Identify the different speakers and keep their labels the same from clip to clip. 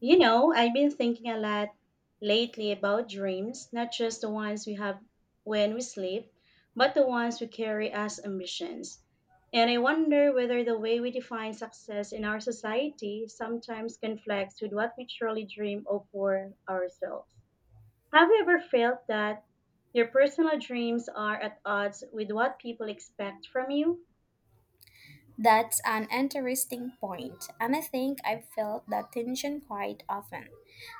Speaker 1: You know, I've been thinking a lot lately about dreams, not just the ones we have when we sleep, but the ones we carry as ambitions. And I wonder whether the way we define success in our society sometimes conflicts with what we truly dream of for ourselves. Have you ever felt that your personal dreams are at odds with what people expect from you?
Speaker 2: That's an interesting point, and I think I've felt that tension quite often.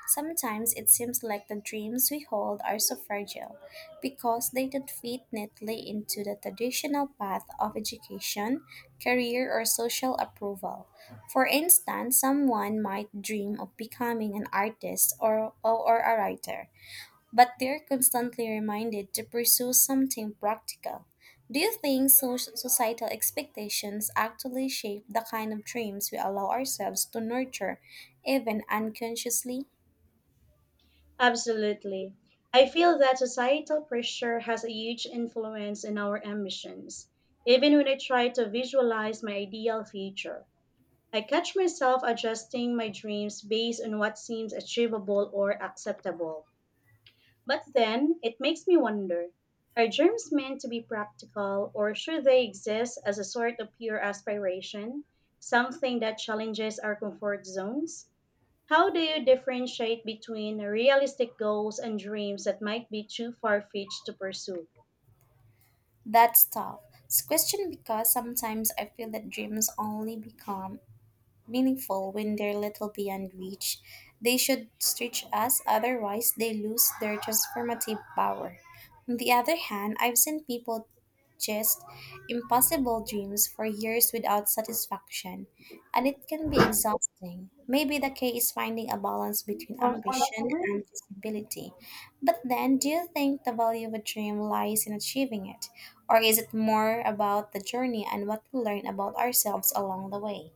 Speaker 2: Sometimes it seems like the dreams we hold are so fragile because they don't fit neatly into the traditional path of education, career, or social approval. For instance, someone might dream of becoming an artist or a writer, but they're constantly reminded to pursue something practical. Do you think societal expectations actually shape the kind of dreams we allow ourselves to nurture, even unconsciously?
Speaker 1: Absolutely. I feel that societal pressure has a huge influence in our ambitions. Even when I try to visualize my ideal future, I catch myself adjusting my dreams based on what seems achievable or acceptable. But then it makes me wonder, are dreams meant to be practical, or should they exist as a sort of pure aspiration, something that challenges our comfort zones? How do you differentiate between realistic goals and dreams that might be too far fetched to pursue?
Speaker 2: That's tough. It's a question because sometimes I feel that dreams only become meaningful when they're little beyond reach. They should stretch us, otherwise, they lose their transformative power. On the other hand, I've seen people chase impossible dreams for years without satisfaction, and it can be exhausting. Maybe the key is finding a balance between ambition and feasibility. But then, do you think the value of a dream lies in achieving it? Or is it more about the journey and what we learn about ourselves along the way?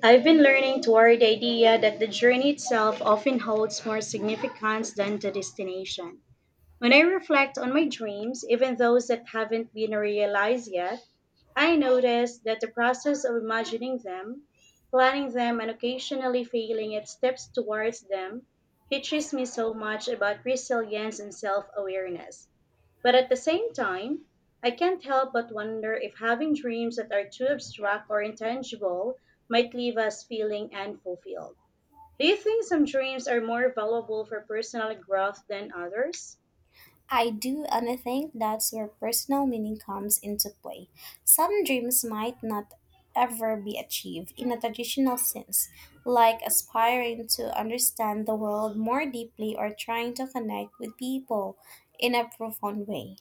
Speaker 1: I've been learning toward the idea that the journey itself often holds more significance than the destination. When I reflect on my dreams, even those that haven't been realized yet, I noticed that the process of imagining them, planning them, and occasionally failing at steps towards them teaches me so much about resilience and self awareness. But at the same time, I can't help but wonder if having dreams that are too abstract or intangible might leave us feeling unfulfilled. Do you think some dreams are more valuable for personal growth than others?
Speaker 2: I do, and I think that's where personal meaning comes into play. Some dreams might not ever be achieved in a traditional sense, like aspiring to understand the world more deeply or trying to connect with people in a profound way.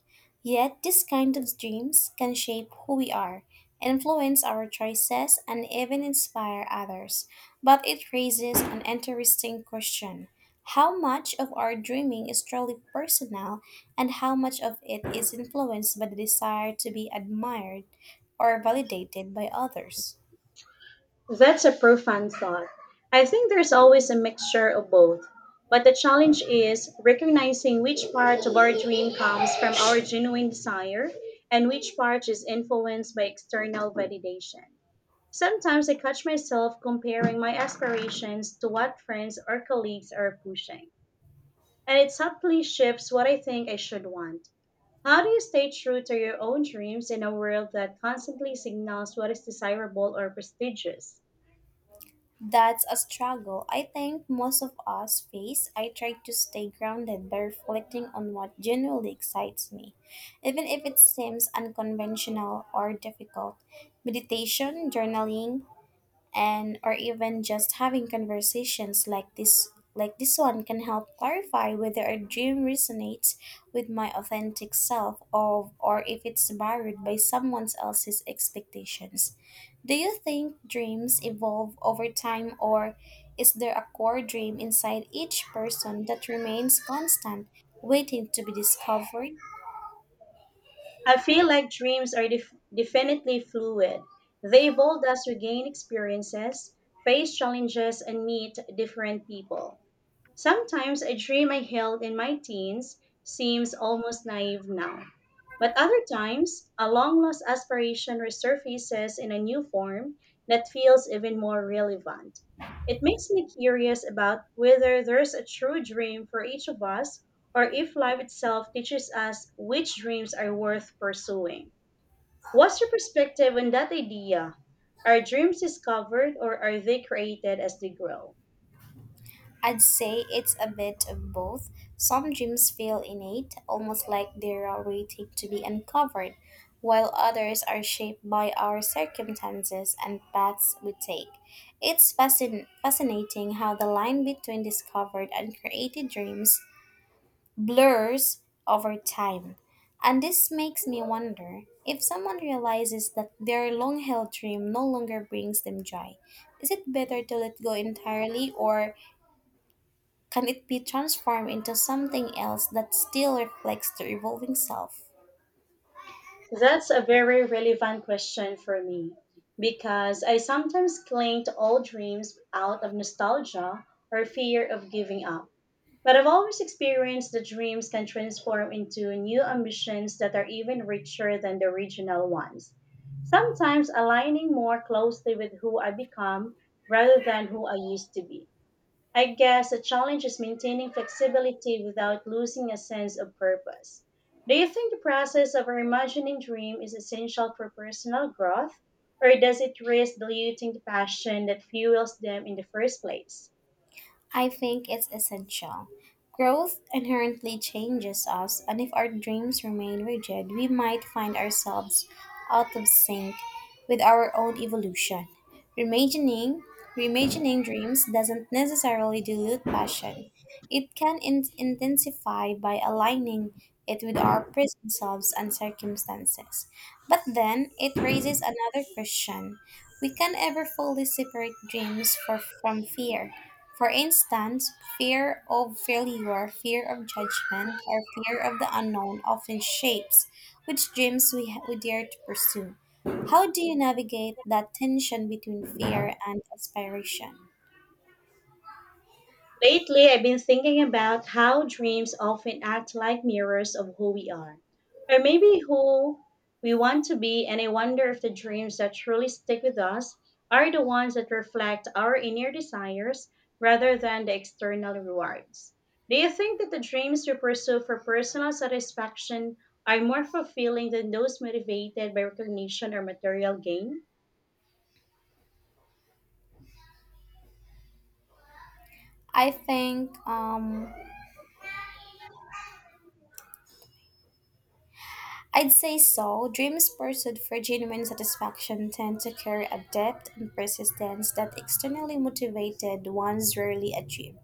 Speaker 2: Yet, these kind of dreams can shape who we are, influence our choices, and even inspire others. But it raises an interesting question. How much of our dreaming is truly personal, and how much of it is influenced by the desire to be admired or validated by others?
Speaker 1: That's a profound thought. I think there's always a mixture of both. But the challenge is recognizing which part of our dream comes from our genuine desire and which part is influenced by external validation. Sometimes I catch myself comparing my aspirations to what friends or colleagues are pushing, and it subtly shifts what I think I should want. How do you stay true to your own dreams in a world that constantly signals what is desirable or prestigious?
Speaker 2: That's a struggle I think most of us face. I try to stay grounded by reflecting on what genuinely excites me, even if it seems unconventional or difficult. Meditation, journaling, and or even just having conversations like this one can help clarify whether a dream resonates with my authentic self or if it's borrowed by someone else's expectations. Do you think dreams evolve over time or is there a core dream inside each person that remains constant, waiting to be discovered?
Speaker 1: I feel like dreams are definitely fluid. They evolve as we gain experiences, face challenges, and meet different people. Sometimes I dream I held in my teens seems almost naive now. But other times, a long lost aspiration resurfaces in a new form that feels even more relevant. It makes me curious about whether there's a true dream for each of us or if life itself teaches us which dreams are worth pursuing. What's your perspective on that idea? Are dreams discovered or are they created as they grow?
Speaker 2: I'd say it's a bit of both. Some dreams feel innate, almost like they're waiting to be uncovered, while others are shaped by our circumstances and paths we take. It's fascinating how the line between discovered and created dreams blurs over time. And this makes me wonder, if someone realizes that their long held dream no longer brings them joy, is it better to let go entirely, or can it be transformed into something else that still reflects the evolving self?
Speaker 1: That's a very relevant question for me because I sometimes cling to old dreams out of nostalgia or fear of giving up. But I've always experienced that dreams can transform into new ambitions that are even richer than the original ones. Sometimes aligning more closely with who I become rather than who I used to be. I guess the challenge is maintaining flexibility without losing a sense of purpose. Do you think the process of reimagining dream is essential for personal growth, or does it risk diluting the passion that fuels them in the first place?
Speaker 2: I think it's essential. Growth inherently changes us, and if our dreams remain rigid, we might find ourselves out of sync with our own evolution. Reimagining, reimagining dreams doesn't necessarily dilute passion. It can intensify by aligning it with our present selves and circumstances. But then it raises another question. We can ever fully separate dreams from fear, for instance, fear of failure, fear of judgment, or fear of the unknown often shapes which dreams we dare to pursue. How do you navigate that tension between fear and aspiration?
Speaker 1: Lately, I've been thinking about how dreams often act like mirrors of who we are, or maybe who we want to be, and I wonder if the dreams that truly stick with us are the ones that reflect our inner desires rather than the external rewards. Do you think that the dreams we pursue for personal satisfaction are more fulfilling than those motivated by recognition or material gain?
Speaker 2: I think um, I'd say so. Dreams pursued for genuine satisfaction tend to carry a depth and persistence that externally motivated ones rarely achieve.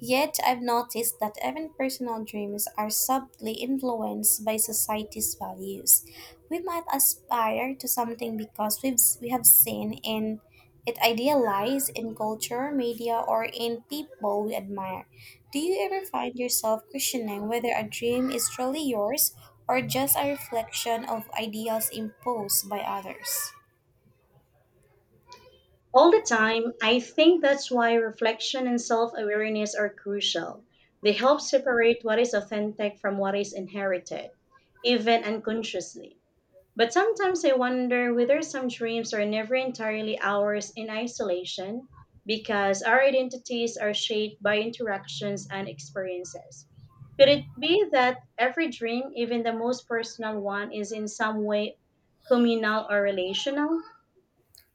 Speaker 2: Yet, I've noticed that even personal dreams are subtly influenced by society's values. We might aspire to something because we have seen in it idealized in culture, media, or in people we admire. Do you ever find yourself questioning whether a dream is truly yours, or just a reflection of ideals imposed by others?
Speaker 1: All the time. I think that's why reflection and self awareness are crucial. They help separate what is authentic from what is inherited, even unconsciously. But sometimes I wonder whether some dreams are never entirely ours in isolation because our identities are shaped by interactions and experiences. Could it be that every dream, even the most personal one, is in some way communal or relational?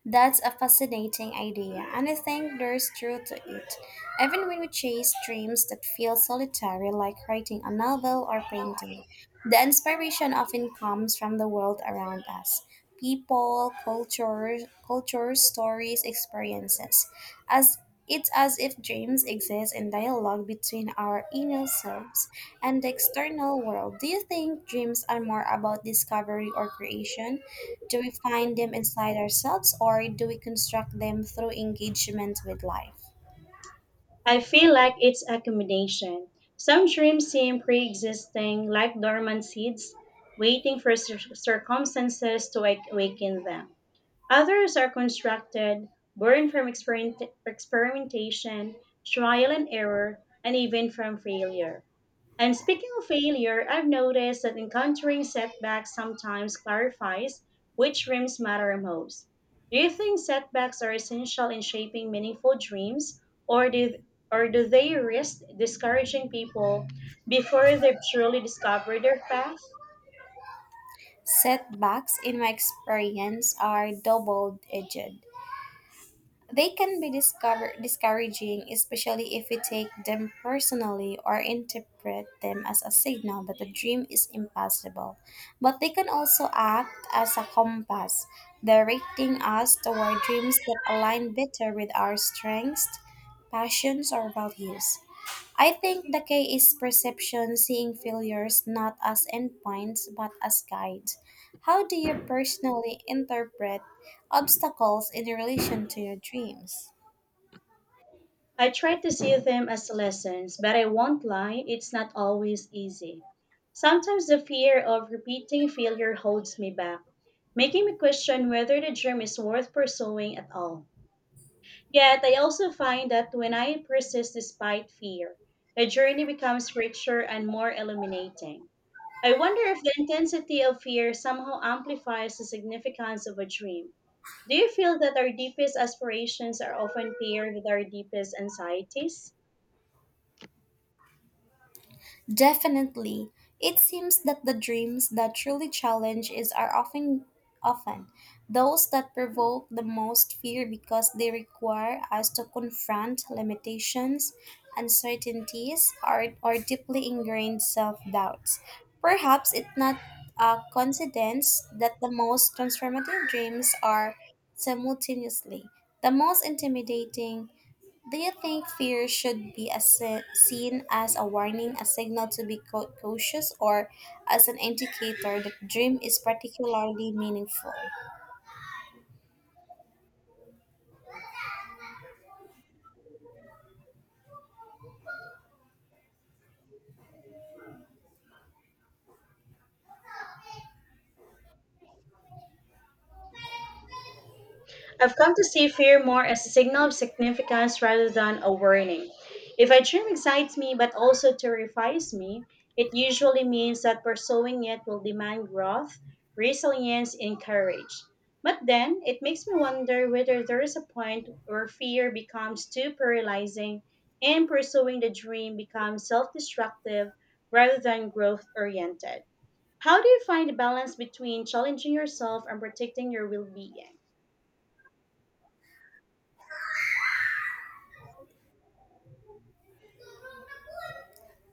Speaker 2: That's a fascinating idea, and I think there's truth to it. Even when we chase dreams that feel solitary, like writing a novel or painting, the inspiration often comes from the world around us, people, cultures, stories, experiences. As It's as if dreams exist in dialogue between our inner selves and the external world. Do you think dreams are more about discovery or creation? Do we find them inside ourselves, or do we construct them through engagement with life?
Speaker 1: I feel like it's a combination. Some dreams seem pre existing, like dormant seeds, waiting for circumstances to awaken them. Others are constructed, born from experimentation, trial and error, and even from failure. And speaking of failure, I've noticed that encountering setbacks sometimes clarifies which dreams matter most. Do you think setbacks are essential in shaping meaningful dreams, or do, or do they risk discouraging people before they've truly discovered their path?
Speaker 2: Setbacks, in my experience, are double edged. They can be discouraging, especially if we take them personally or interpret them as a signal that the dream is impossible. But they can also act as a compass, directing us toward dreams that align better with our strengths, passions, or values. I think the key is perception, seeing failures not as endpoints but as guides. How do you personally interpret obstacles in relation to your dreams?
Speaker 1: I try to see them as lessons, but I won't lie, it's not always easy. Sometimes the fear of repeating failure holds me back, making me question whether the dream is worth pursuing at all. Yet, I also find that when I persist despite fear, the journey becomes richer and more illuminating. I wonder if the intensity of fear somehow amplifies the significance of a dream. Do you feel that our deepest aspirations are often paired with our deepest anxieties?
Speaker 2: Definitely. It seems that the dreams that truly challenge is are often those that provoke the most fear because they require us to confront limitations, uncertainties, or deeply ingrained self-doubts. Perhaps it's not a coincidence that the most transformative dreams are simultaneously the most intimidating. Do you think fear should be as seen as a warning, a signal to be cautious, or as an indicator that dream is particularly meaningful?
Speaker 1: I've come to see fear more as a signal of significance rather than a warning. If a dream excites me but also terrifies me, it usually means that pursuing it will demand growth, resilience, and courage. But then it makes me wonder whether there is a point where fear becomes too paralyzing and pursuing the dream becomes self destructive rather than growth oriented. How do you find the balance between challenging yourself and protecting your well being?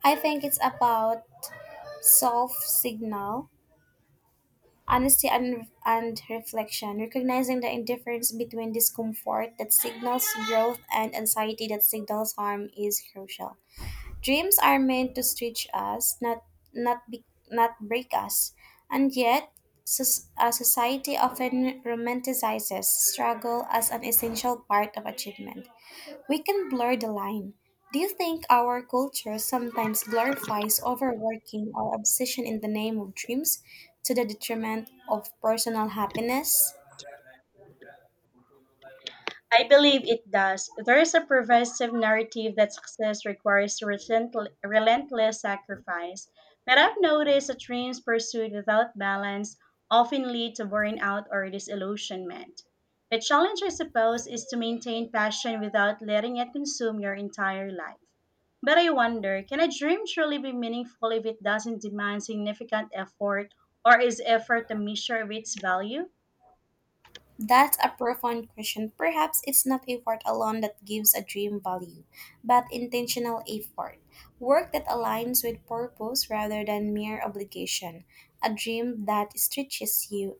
Speaker 2: I think it's about self signal, honesty, and reflection. Recognizing the indifference between discomfort that signals growth and anxiety that signals harm is crucial. Dreams are meant to stretch us, not be, not break us. And yet, society often romanticizes struggle as an essential part of achievement. We can blur the line. Do you think our culture sometimes glorifies overworking or obsession in the name of dreams to the detriment of personal happiness?
Speaker 1: I believe it does. There is a pervasive narrative that success requires relentless sacrifice, but I've noticed that dreams pursued without balance often lead to burnout or disillusionment. The challenge, I suppose, is to maintain passion without letting it consume your entire life. But I wonder, can a dream truly be meaningful if it doesn't demand significant effort, or is effort a measure of its value?
Speaker 2: That's a profound question. Perhaps it's not effort alone that gives a dream value, but intentional effort. Work that aligns with purpose rather than mere obligation. A dream that stretches you,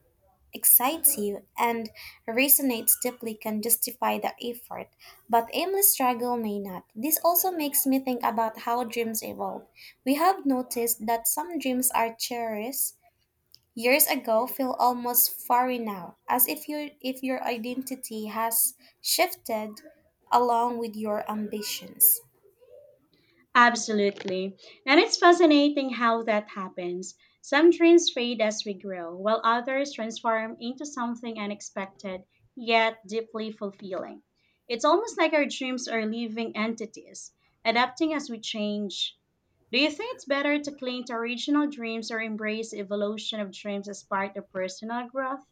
Speaker 2: excites you, and resonates deeply can justify the effort, but aimless struggle may not. This also makes me think about how dreams evolve. We have noticed that some dreams are cherished years ago feel almost foreign now, as if your identity has shifted along with your ambitions.
Speaker 1: Absolutely. And it's fascinating how that happens. Some dreams fade as we grow, while others transform into something unexpected yet deeply fulfilling. It's almost like our dreams are living entities, adapting as we change. Do you think it's better to cling to original dreams or embrace the evolution of dreams as part of personal growth?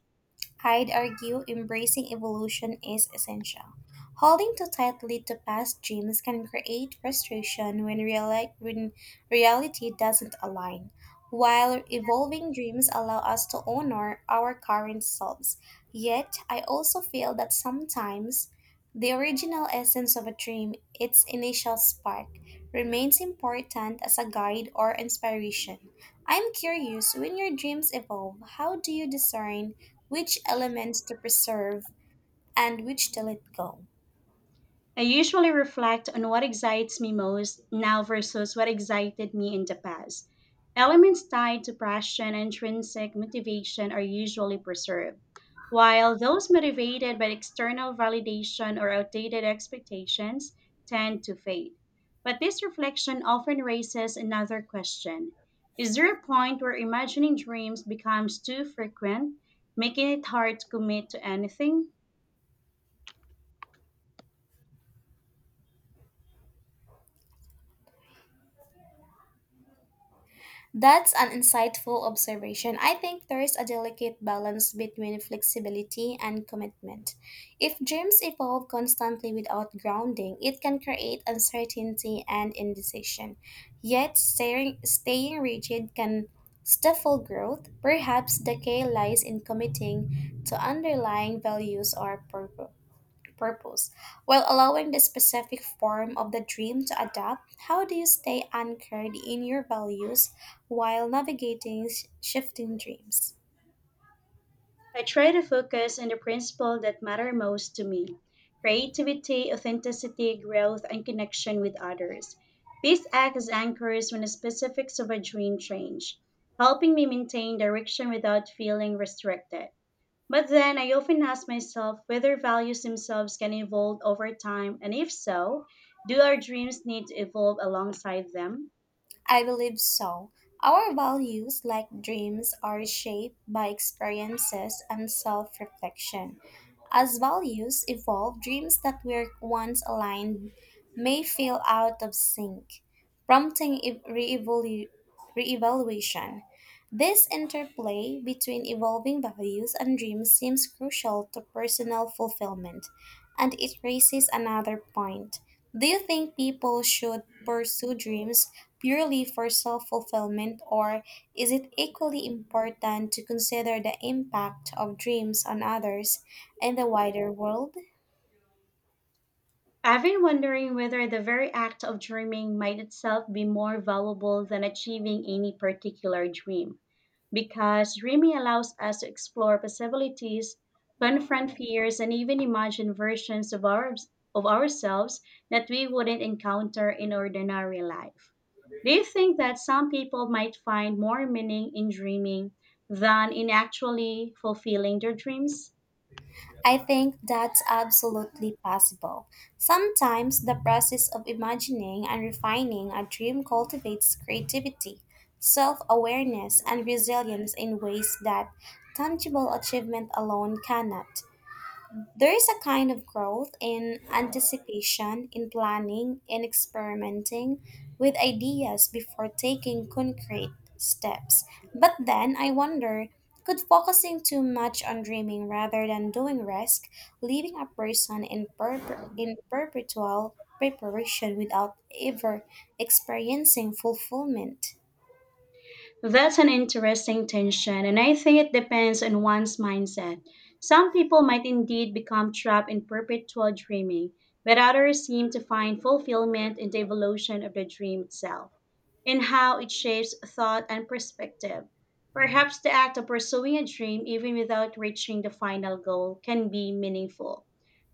Speaker 2: I'd argue embracing evolution is essential. Holding too tightly to past dreams can create frustration when, when reality doesn't align, while evolving dreams allow us to honor our current selves. Yet, I also feel that sometimes the original essence of a dream, its initial spark, remains important as a guide or inspiration. I'm curious, when your dreams evolve, how do you discern which elements to preserve and which to let go?
Speaker 1: I usually reflect on what excites me most now versus what excited me in the past. Elements tied to passion and intrinsic motivation are usually preserved, while those motivated by external validation or outdated expectations tend to fade. But this reflection often raises another question. Is there a point where imagining dreams becomes too frequent, making it hard to commit to anything?
Speaker 2: That's an insightful observation. I think there is a delicate balance between flexibility and commitment. If dreams evolve constantly without grounding, it can create uncertainty and indecision. Yet, staying rigid can stifle growth. Perhaps the key lies in committing to underlying values or purpose. While allowing the specific form of the dream to adapt, how do you stay anchored in your values while navigating shifting dreams?
Speaker 1: I try to focus on the principles that matter most to me: creativity, authenticity, growth, and connection with others. These act as anchors when the specifics of a dream change, helping me maintain direction without feeling restricted. But then I often ask myself whether values themselves can evolve over time, and if so, do our dreams need to evolve alongside them?
Speaker 2: I believe so. Our values, like dreams, are shaped by experiences and self reflection. As values evolve, dreams that were once aligned may feel out of sync, prompting reevaluation. This interplay between evolving values and dreams seems crucial to personal fulfillment, and it raises another point. Do you think people should pursue dreams purely for self fulfillment, or is it equally important to consider the impact of dreams on others in the wider world?
Speaker 1: I've been wondering whether the very act of dreaming might itself be more valuable than achieving any particular dream, because dreaming allows us to explore possibilities, confront fears, and even imagine versions of ourselves that we wouldn't encounter in ordinary life. Do you think that some people might find more meaning in dreaming than in actually fulfilling their dreams?
Speaker 2: I think that's absolutely possible. Sometimes the process of imagining and refining a dream cultivates creativity, self awareness, and resilience in ways that tangible achievement alone cannot. There is a kind of growth in anticipation, in planning, in experimenting with ideas before taking concrete steps. But then I wonder, could focusing too much on dreaming rather than doing risk leaving a person in perpetual preparation without ever experiencing fulfillment?
Speaker 1: That's an interesting tension, and I think it depends on one's mindset. Some people might indeed become trapped in perpetual dreaming, but others seem to find fulfillment in the evolution of the dream itself, in how it shapes thought and perspective. Perhaps the act of pursuing a dream, even without reaching the final goal, can be meaningful.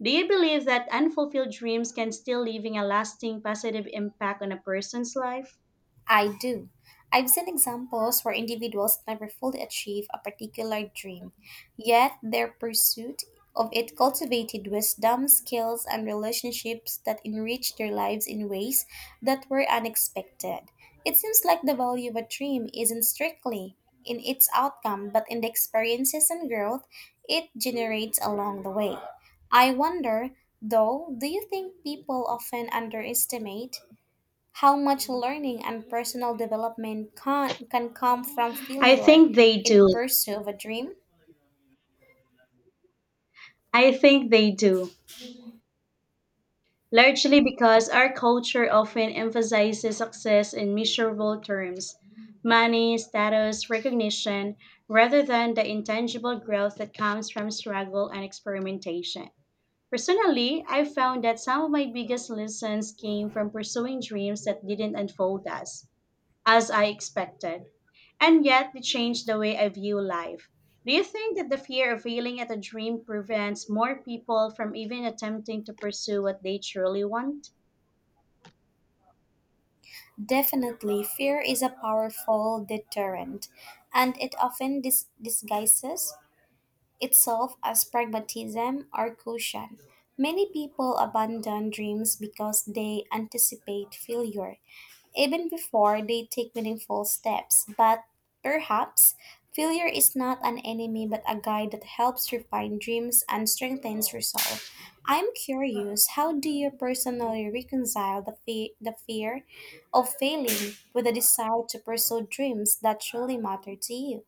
Speaker 1: Do you believe that unfulfilled dreams can still leaving a lasting positive impact on a person's life?
Speaker 2: I do. I've seen examples where individuals never fully achieve a particular dream, yet their pursuit of it cultivated wisdom, skills, and relationships that enriched their lives in ways that were unexpected. It seems like the value of a dream isn't strictly in its outcome, but in the experiences and growth it generates along the way. I wonder, though, do you think people often underestimate how much learning and personal development can come from
Speaker 1: I
Speaker 2: failure
Speaker 1: think they
Speaker 2: in
Speaker 1: do.
Speaker 2: pursuit of a dream?
Speaker 1: I think they do, Largely because our culture often emphasizes success in measurable terms: money, status, recognition, rather than the intangible growth that comes from struggle and experimentation. Personally, I found that some of my biggest lessons came from pursuing dreams that didn't unfold as I expected, and yet they changed the way I view life. Do you think that the fear of failing at a dream prevents more people from even attempting to pursue what they truly want?
Speaker 2: Definitely, fear is a powerful deterrent, and it often disguises itself as pragmatism or caution. Many people abandon dreams because they anticipate failure even before they take meaningful steps. But perhaps failure is not an enemy but a guide that helps refine dreams and strengthens resolve. I'm curious, how do you personally reconcile the fear of failing with the desire to pursue dreams that truly matter to you?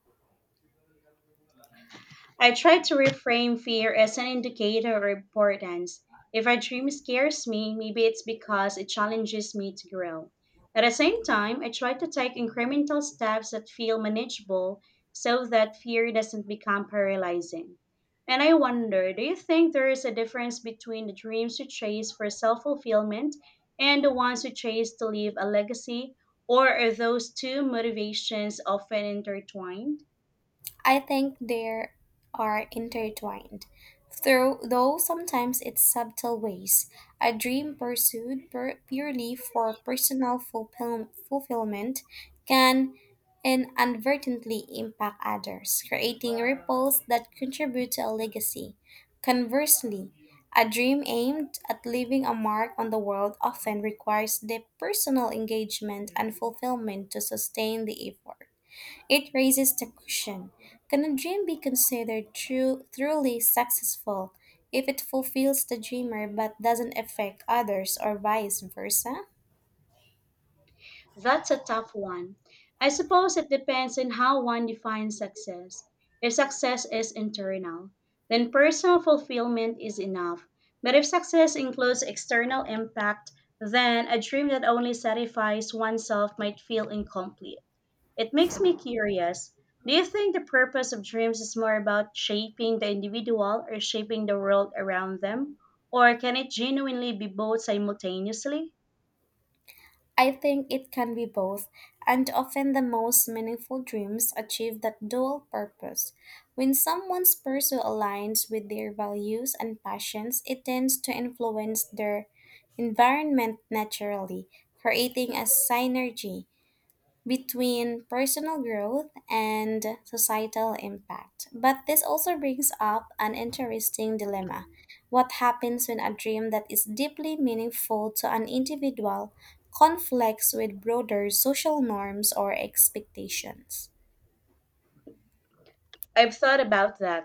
Speaker 1: I try to reframe fear as an indicator of importance. If a dream scares me, maybe it's because it challenges me to grow. At the same time, I try to take incremental steps that feel manageable so that fear doesn't become paralyzing. And I wonder, do you think there is a difference between the dreams you chase for self fulfillment and the ones you chase to leave a legacy, or are those two motivations often intertwined?
Speaker 2: I think they are intertwined. Though sometimes it's subtle ways, a dream pursued purely for personal fulfillment can inadvertently impact others, creating ripples that contribute to a legacy. Conversely, a dream aimed at leaving a mark on the world often requires deep personal engagement and fulfillment to sustain the effort. It raises the question, can a dream be considered truly successful if it fulfills the dreamer but doesn't affect others or vice versa?
Speaker 1: That's a tough one. I suppose it depends on how one defines success. If success is internal, then personal fulfillment is enough. But if success includes external impact, then a dream that only satisfies oneself might feel incomplete. It makes me curious. Do you think the purpose of dreams is more about shaping the individual or shaping the world around them? Or can it genuinely be both simultaneously?
Speaker 2: I think it can be both, and often the most meaningful dreams achieve that dual purpose. When someone's pursuit aligns with their values and passions, it tends to influence their environment naturally, creating a synergy between personal growth and societal impact. But this also brings up an interesting dilemma. What happens when a dream that is deeply meaningful to an individual conflicts with broader social norms or expectations?
Speaker 1: I've thought about that.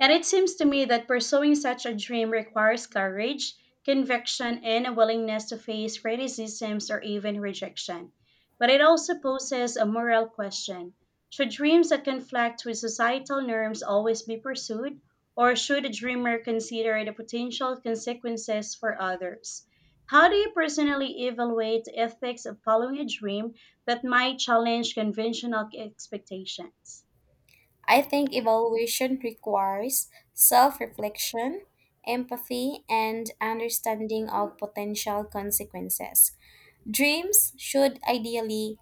Speaker 1: And it seems to me that pursuing such a dream requires courage, conviction, and a willingness to face criticisms or even rejection. But it also poses a moral question. Should dreams that conflict with societal norms always be pursued, or should a dreamer consider the potential consequences for others? How do you personally evaluate the ethics of following a dream that might challenge conventional expectations?
Speaker 2: I think evaluation requires self reflection, empathy, and understanding of potential consequences. Dreams should ideally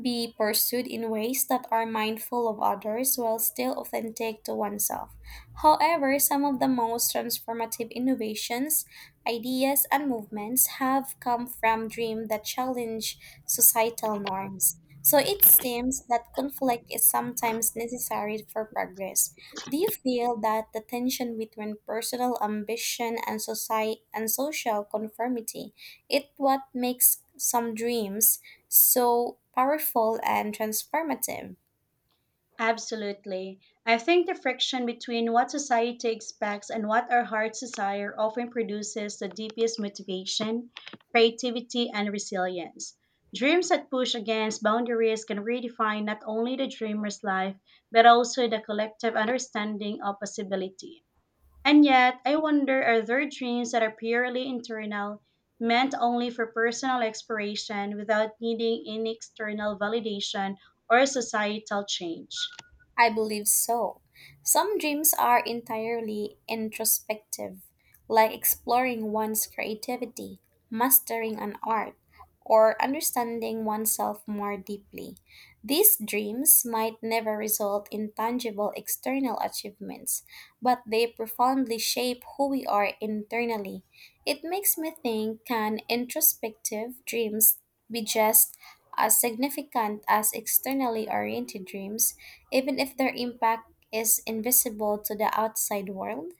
Speaker 2: be pursued in ways that are mindful of others while still authentic to oneself. However, some of the most transformative innovations, ideas, and movements have come from dreams that challenge societal norms. So it seems that conflict is sometimes necessary for progress. Do you feel that the tension between personal ambition and society and social conformity it what makes some dreams so powerful and transformative?
Speaker 1: Absolutely. I think the friction between what society expects and what our hearts desire often produces the deepest motivation, creativity, and resilience. Dreams that push against boundaries can redefine not only the dreamer's life, but also the collective understanding of possibility. And yet, I wonder, are there dreams that are purely internal, meant only for personal exploration without needing any external validation or societal change?
Speaker 2: I believe so. Some dreams are entirely introspective, like exploring one's creativity, mastering an art, or understanding oneself more deeply. These dreams might never result in tangible external achievements, but they profoundly shape who we are internally. It makes me think, can introspective dreams be just as significant as externally oriented dreams, even if their impact is invisible to the outside world?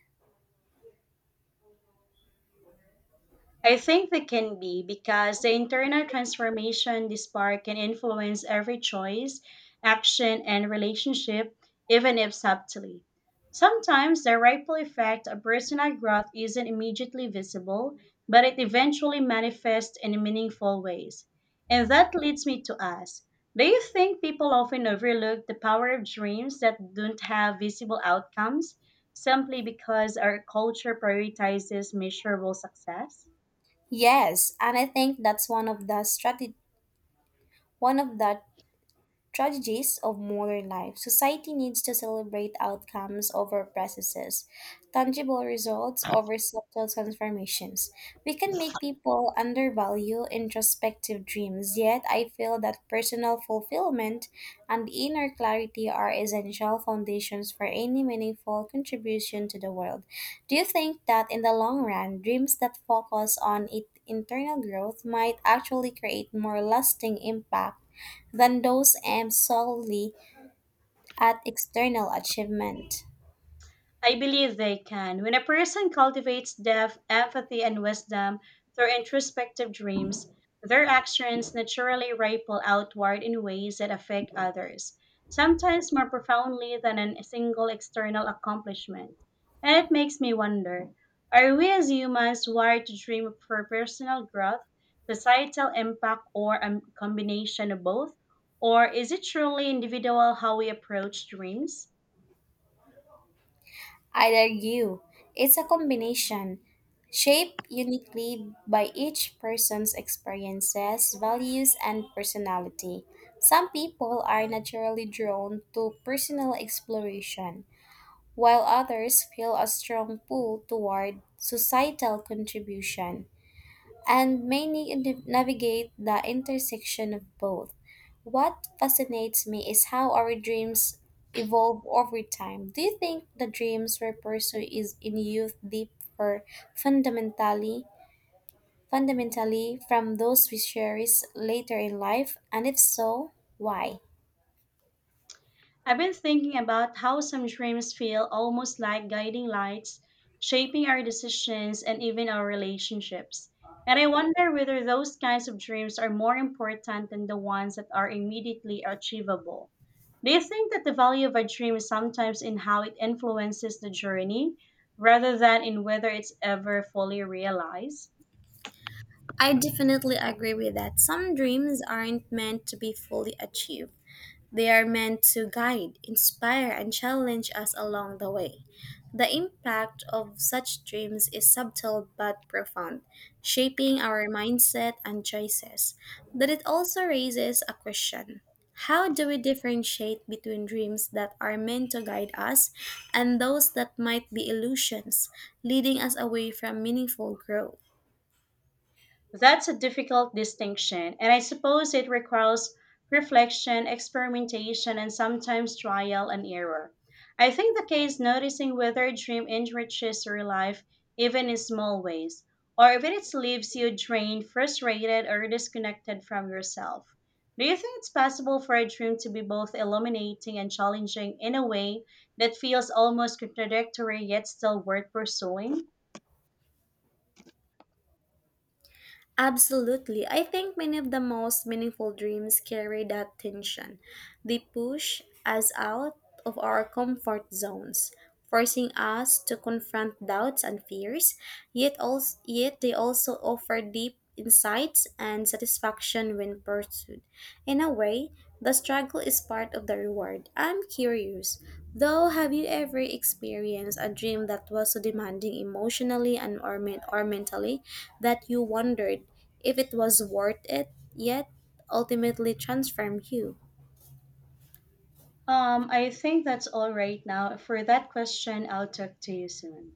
Speaker 1: I think they can be because the internal transformation they spark can influence every choice, action, and relationship, even if subtly. Sometimes the ripple effect of personal growth isn't immediately visible, but it eventually manifests in meaningful ways. And that leads me to ask, do you think people often overlook the power of dreams that don't have visible outcomes simply because our culture prioritizes measurable success?
Speaker 2: Yes, and I think that's one of the tragedies of modern life. Society needs to celebrate outcomes over processes, tangible results over subtle transformations. We can make people undervalue introspective dreams, yet I feel that personal fulfillment and inner clarity are essential foundations for any meaningful contribution to the world. Do you think that in the long run, dreams that focus on internal growth might actually create more lasting impact than those aimed solely at external achievement?
Speaker 1: I believe they can. When a person cultivates depth, empathy, and wisdom through introspective dreams, their actions naturally ripple outward in ways that affect others, sometimes more profoundly than a single external accomplishment. And it makes me wonder, are we as humans wired to dream for personal growth, societal impact, or a combination of both? Or is it truly individual how we approach dreams?
Speaker 2: I'd argue it's a combination, shaped uniquely by each person's experiences, values, and personality. Some people are naturally drawn to personal exploration, while others feel a strong pull toward societal contribution, and may navigate the intersection of both. What fascinates me is how our dreams evolve over time. Do you think the dreams we pursue is in youth deep for fundamentally fundamentally from those we cherish later in life? And if so, why?
Speaker 1: I've been thinking about how some dreams feel almost like guiding lights, shaping our decisions and even our relationships. And I wonder whether those kinds of dreams are more important than the ones that are immediately achievable. Do you think that the value of a dream is sometimes in how it influences the journey rather than in whether it's ever fully realized?
Speaker 2: I definitely agree with that. Some dreams aren't meant to be fully achieved. They are meant to guide, inspire, and challenge us along the way. The impact of such dreams is subtle but profound, shaping our mindset and choices. But it also raises a question. How do we differentiate between dreams that are meant to guide us and those that might be illusions, leading us away from meaningful growth?
Speaker 1: That's a difficult distinction, and I suppose it requires reflection, experimentation, and sometimes trial and error. I think the key is noticing whether a dream enriches your life, even in small ways, or if it leaves you drained, frustrated, or disconnected from yourself. Do you think it's possible for a dream to be both illuminating and challenging in a way that feels almost contradictory yet still worth pursuing?
Speaker 2: Absolutely. I think many of the most meaningful dreams carry that tension. They push us out of our comfort zones, forcing us to confront doubts and fears, yet they also offer deep insights and satisfaction when pursued. In a way, the struggle is part of the reward. I'm curious, though, have you ever experienced a dream that was so demanding emotionally or mentally that you wondered if it was worth it, yet ultimately transformed you?
Speaker 1: I think that's all right now. For that question, I'll talk to you soon.